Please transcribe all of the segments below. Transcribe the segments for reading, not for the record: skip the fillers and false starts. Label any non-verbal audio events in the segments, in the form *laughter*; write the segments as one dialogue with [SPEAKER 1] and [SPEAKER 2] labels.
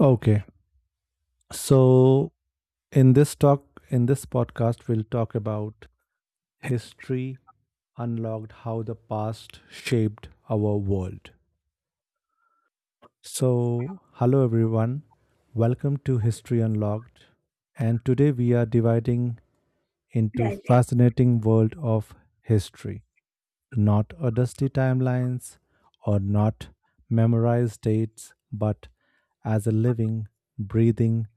[SPEAKER 1] Okay. So in this podcast we'll talk about history unlocked, how the past shaped our world. So hello everyone. Welcome to History Unlocked. And today we are dividing into
[SPEAKER 2] Direct.
[SPEAKER 1] fascinating world of history. Not a dusty timelines or not memorized dates, but as a living, breathing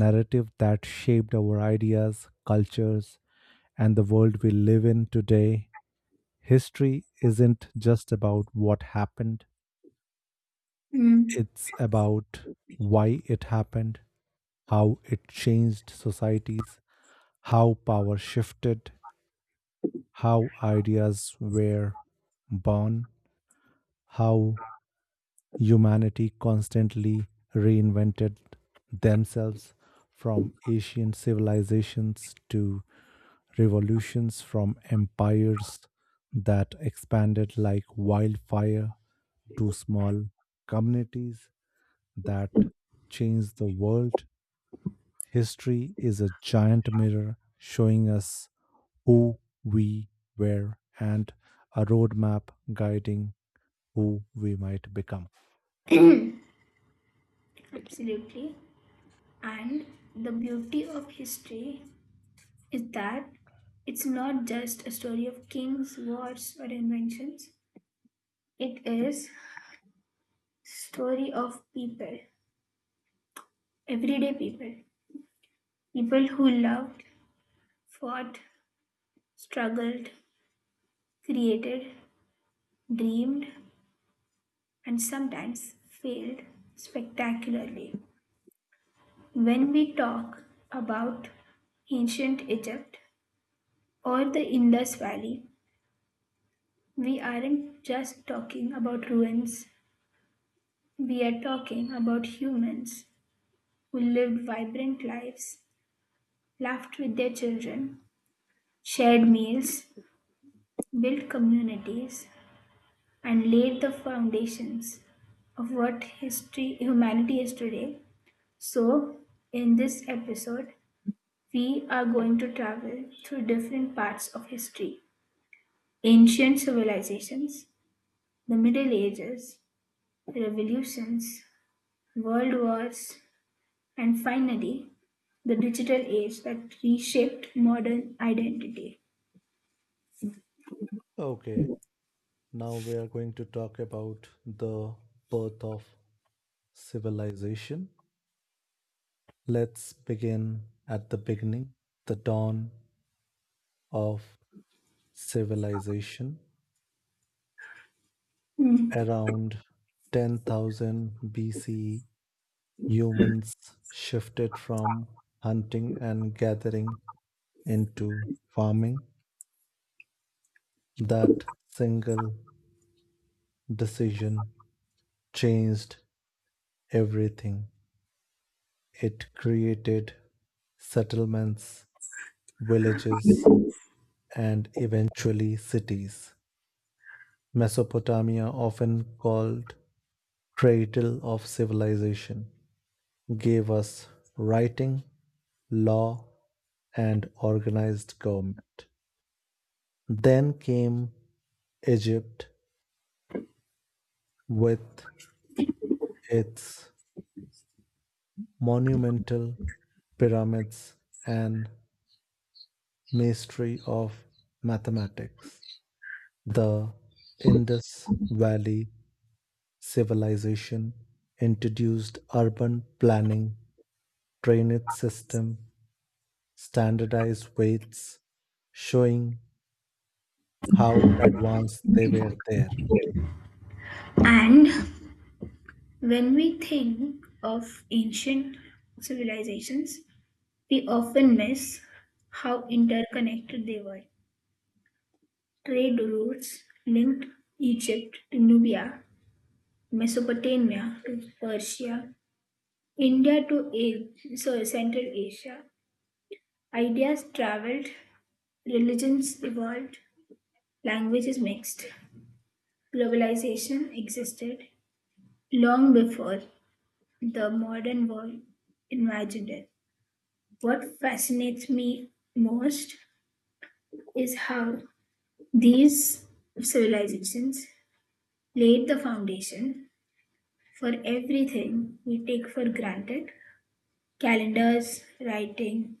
[SPEAKER 1] narrative that shaped our ideas, cultures, and the world we live in today. History isn't just about what happened,
[SPEAKER 2] Mm.
[SPEAKER 1] it's about why it happened, how it changed societies, how power shifted, how ideas were born, how humanity constantly reinvented themselves from ancient civilizations to revolutions, from empires that expanded like wildfire to small communities that changed the world. History is a giant mirror showing us who we were and a roadmap guiding who we might become.
[SPEAKER 2] *clears throat* Absolutely. And the beauty of history is that it's not just a story of kings, wars, or inventions. It is story of people, everyday people, people who loved, fought, struggled, created, dreamed, and sometimes failed spectacularly. When we talk about ancient Egypt or the Indus Valley, we aren't just talking about ruins, we are talking about humans who lived vibrant lives, laughed with their children, shared meals, built communities, and laid the foundations of what history humanity is today. So, in this episode, we are going to travel through different parts of history, ancient civilizations, the Middle Ages, revolutions, world wars, and finally, the digital age that reshaped modern identity.
[SPEAKER 1] Okay. Now we are going to talk about the birth of civilization. Let's begin at the beginning, the dawn of civilization.
[SPEAKER 2] Mm.
[SPEAKER 1] Around 10,000 BCE, humans shifted from hunting and gathering into farming. That single decision changed everything. It created settlements villages, and eventually cities. Mesopotamia, often called cradle of civilization, gave us writing, law, and organized government. Then came Egypt with its monumental pyramids and mystery of mathematics. The Indus Valley civilization introduced urban planning, drainage system, standardized weights, showing how advanced they were there.
[SPEAKER 2] And when we think of ancient civilizations, we often miss how interconnected they were. Trade routes linked Egypt to Nubia, Mesopotamia to Persia, India to Central Asia. Ideas traveled, religions evolved, languages mixed. Globalization existed long before the modern world imagined it. What fascinates me most is how these civilizations laid the foundation for everything we take for granted, calendars, writing,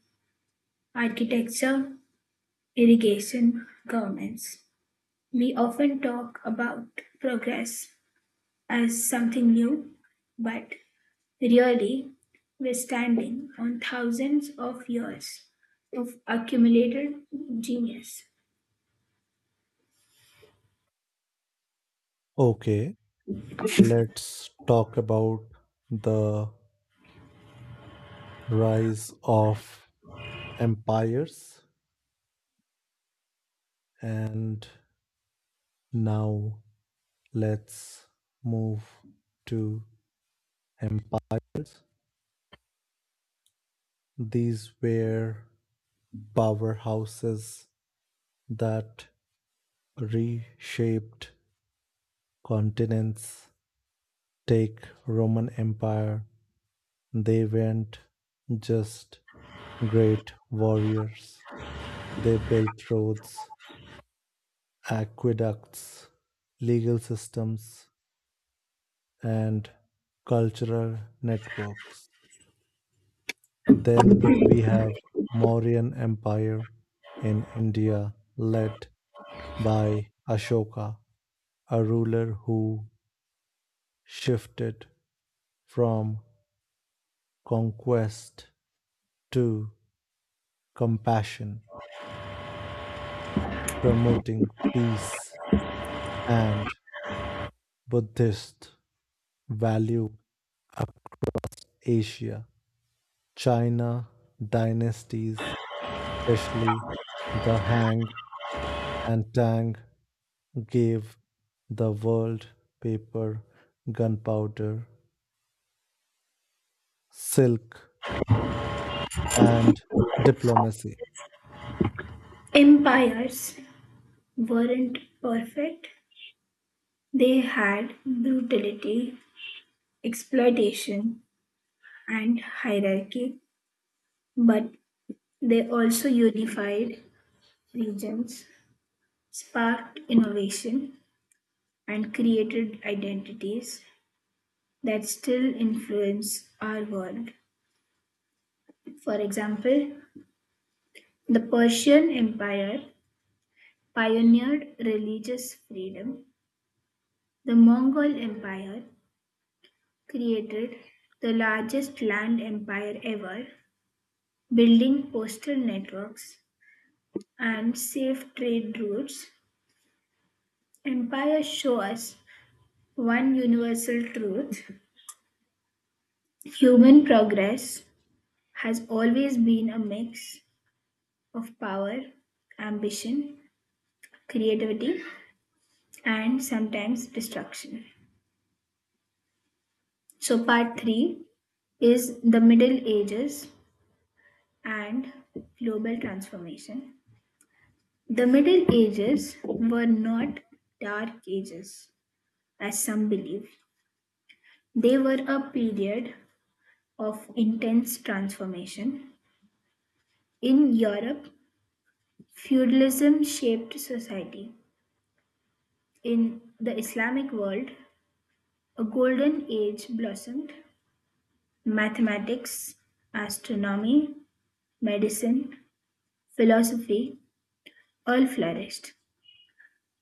[SPEAKER 2] architecture, irrigation, governments. We often talk about progress as something new, but really, we're standing on thousands of years of accumulated genius.
[SPEAKER 1] Okay, let's talk about the rise of empires. And now let's move to empires. These were powerhouses that reshaped continents. Take Roman Empire. They weren't just great warriors. They built roads, aqueducts, legal systems, and cultural networks. Then we have Mauryan Empire in India led by Ashoka, a ruler who shifted from conquest to compassion, promoting peace and Buddhist value Asia, China dynasties, especially the Hang and Tang, gave the world paper, gunpowder, silk, and diplomacy.
[SPEAKER 2] Empires weren't perfect, they had brutality, exploitation, and hierarchy, but they also unified regions, sparked innovation, and created identities that still influence our world. For example, the Persian Empire pioneered religious freedom, the Mongol Empire created the largest land empire ever, building postal networks and safe trade routes. Empires show us one universal truth, human progress has always been a mix of power, ambition, creativity, and sometimes destruction. So, part three is the Middle Ages and global transformation. The Middle Ages were not dark ages, as some believe. They were a period of intense transformation. In Europe, feudalism shaped society. In the Islamic world, a golden age blossomed. Mathematics, astronomy, medicine, philosophy all flourished.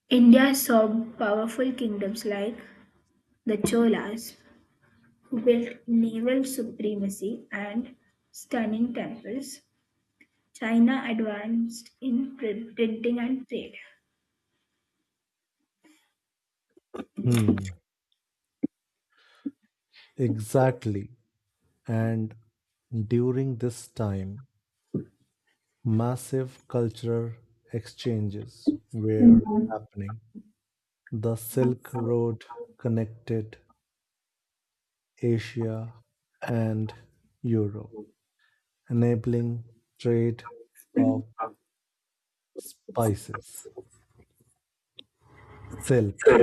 [SPEAKER 2] India saw powerful kingdoms like the Cholas, who built naval supremacy and stunning temples. China advanced in printing and trade.
[SPEAKER 1] Hmm, exactly. And during this time, massive cultural exchanges were
[SPEAKER 2] Mhm.
[SPEAKER 1] happening. The Silk Road connected Asia and Europe, enabling trade of spices, silk,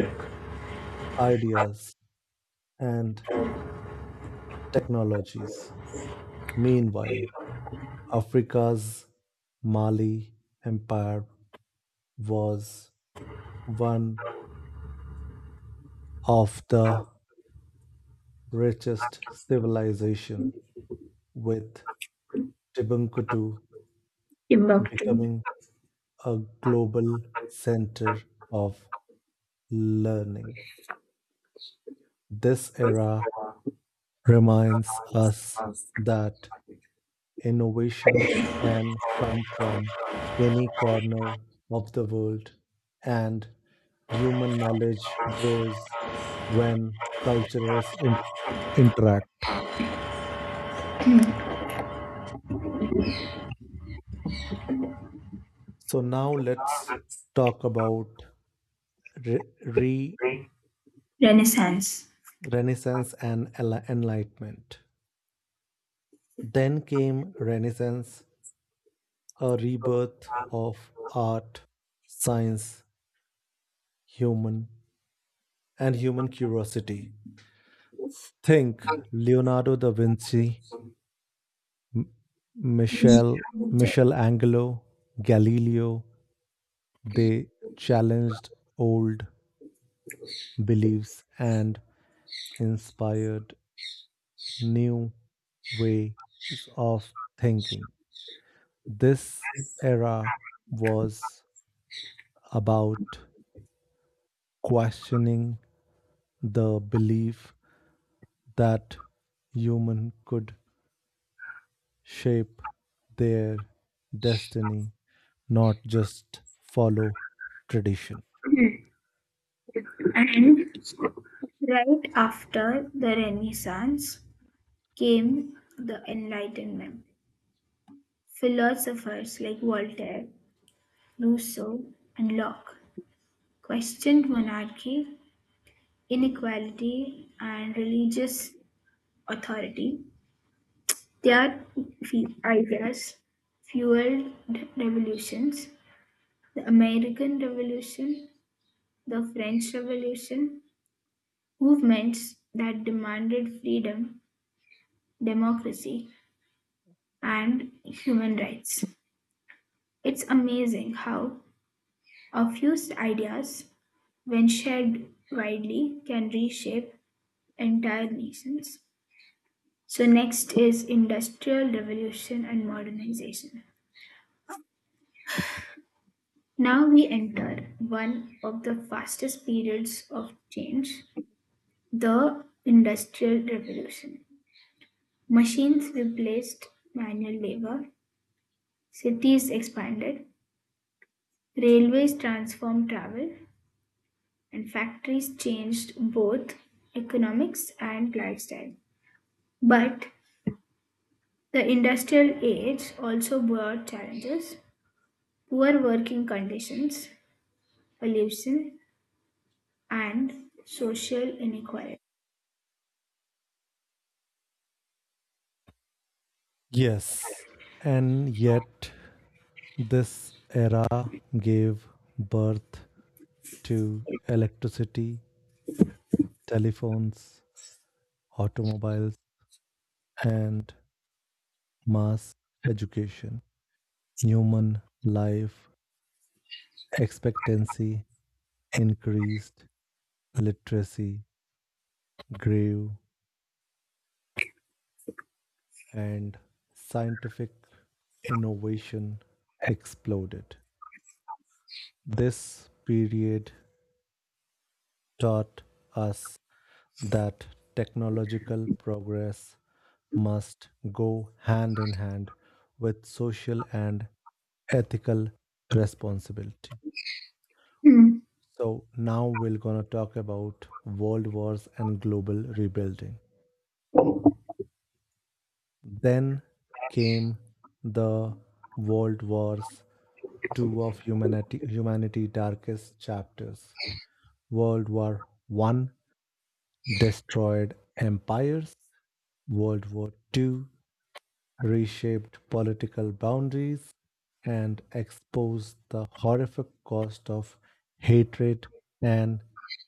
[SPEAKER 1] ideas, and technologies. Meanwhile, Africa's Mali Empire was one of the richest civilization with Timbuktu
[SPEAKER 2] Timbuktu.
[SPEAKER 1] becoming a global center of learning. This era reminds us that innovation can come from any corner of the world and human knowledge grows when interact. So now let's talk about re- re-
[SPEAKER 2] Renaissance.
[SPEAKER 1] Renaissance and Enlightenment. Then came Renaissance, a rebirth of art, science, human, and human curiosity. Think Leonardo da Vinci, Michel, Michelangelo, Galileo. They challenged old beliefs and inspired new ways of thinking. This era was about questioning the belief that human could shape their destiny, not just follow tradition.
[SPEAKER 2] And right after the Renaissance came the Enlightenment. Philosophers like Voltaire, Rousseau, and Locke questioned monarchy, inequality, and religious authority. Their ideas fueled revolutions, the American Revolution, the French Revolution, movements that demanded freedom, democracy, and human rights. It's amazing how a few ideas, when shared widely, can reshape entire nations. So next is industrial revolution and modernization. Now we enter one of the fastest periods of change, the Industrial Revolution. Machines replaced manual labor, cities expanded, railways transformed travel, and factories changed both economics and lifestyle. But the industrial age also brought challenges, poor working conditions, pollution, and social inequality.
[SPEAKER 1] Yes, and yet this era gave birth to electricity, telephones, automobiles, and mass education. Human life expectancy increased, literacy grew, and scientific innovation exploded. This period taught us that technological progress must go hand in hand with social and ethical responsibility.
[SPEAKER 2] Hmm.
[SPEAKER 1] So, now we're going to talk about world wars and global rebuilding. Then came the world wars, two of humanity's darkest chapters. World War One destroyed empires. World War Two reshaped political boundaries and exposed the horrific cost of hatred and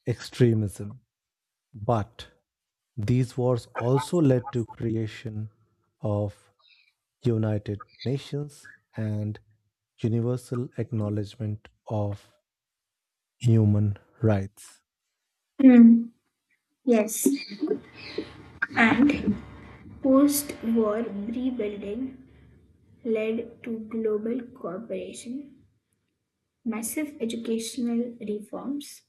[SPEAKER 1] extremism. But these wars also led to creation of United Nations and universal acknowledgement of human rights.
[SPEAKER 2] Hmm. Yes, and post-war rebuilding led to global cooperation, massive educational reforms,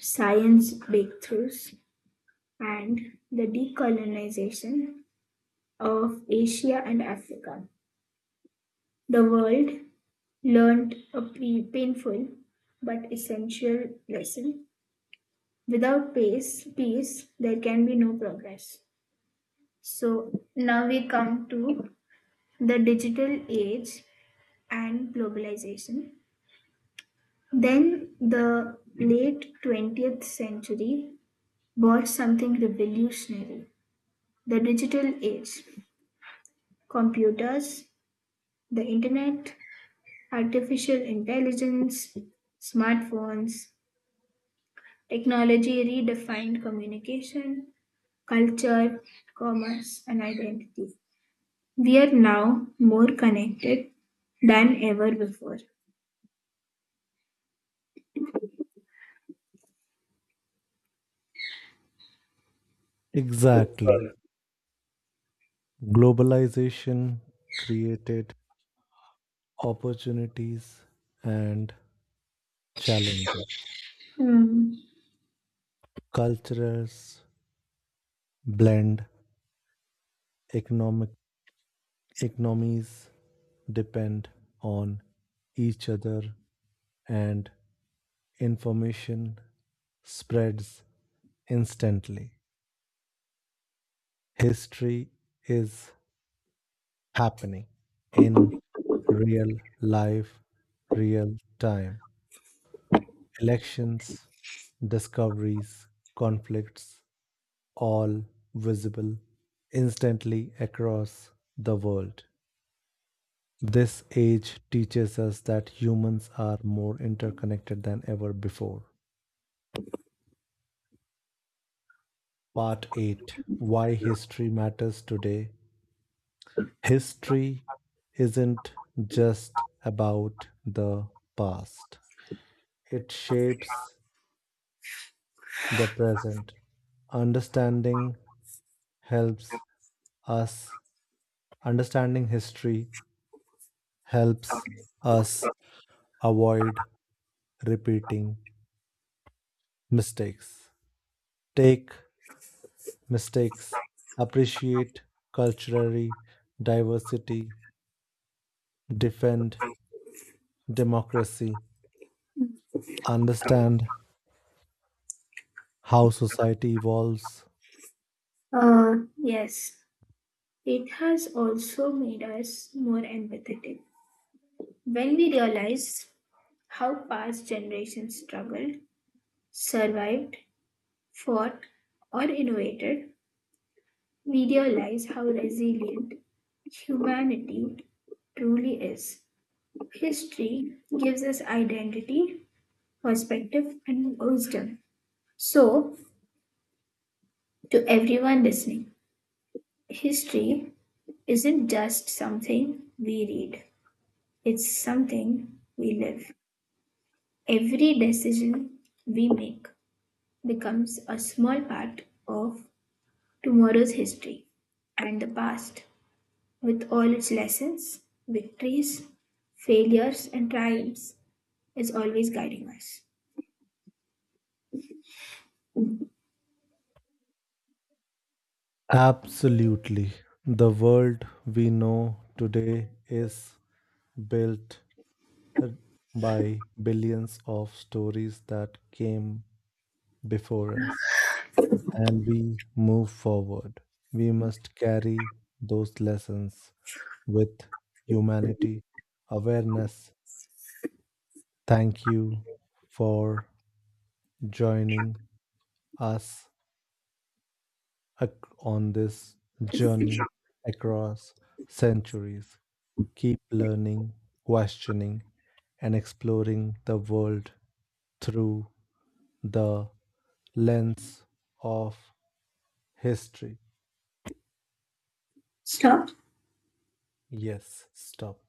[SPEAKER 2] science breakthroughs, and the decolonization of Asia and Africa. The world learned a painful but essential lesson. Without peace, there can be no progress. So now we come to the digital age and globalization. Then the late 20th century brought something revolutionary, the digital age, computers, the internet, artificial intelligence, smartphones, technology redefined communication, culture, commerce, and identity. We are now more connected than ever before.
[SPEAKER 1] Exactly. Globalization created opportunities and challenges.
[SPEAKER 2] Hmm.
[SPEAKER 1] Cultures blend, economic economies depend on each other and information spreads instantly. History is happening in real life, real time. Elections, discoveries, conflicts, all visible instantly across the world. This age teaches us that humans are more interconnected than ever before. Part 8, Why History Matters Today. History isn't just about the past, it shapes the present. Understanding helps us Understanding history helps us avoid repeating mistakes, take mistakes, appreciate cultural diversity, defend democracy, understand how society evolves.
[SPEAKER 2] Yes, it has also made us more empathetic. When we realize how past generations struggled, survived, fought, or innovated, we realize how resilient humanity truly is. History gives us identity, perspective, and wisdom. So, to everyone listening, history isn't just something we read. It's something we live. Every decision we make becomes a small part of tomorrow's history, and the past, with all its lessons, victories, failures, and triumphs, is always guiding us.
[SPEAKER 1] Absolutely. The world we know today is built uh, by billions of stories that came before us. And we move forward. We must carry those lessons with humanity, awareness. Thank you for joining us ac- on this journey across centuries. Keep learning, questioning, and exploring the world through the lens of history.
[SPEAKER 2] Stop.
[SPEAKER 1] Yes, stop.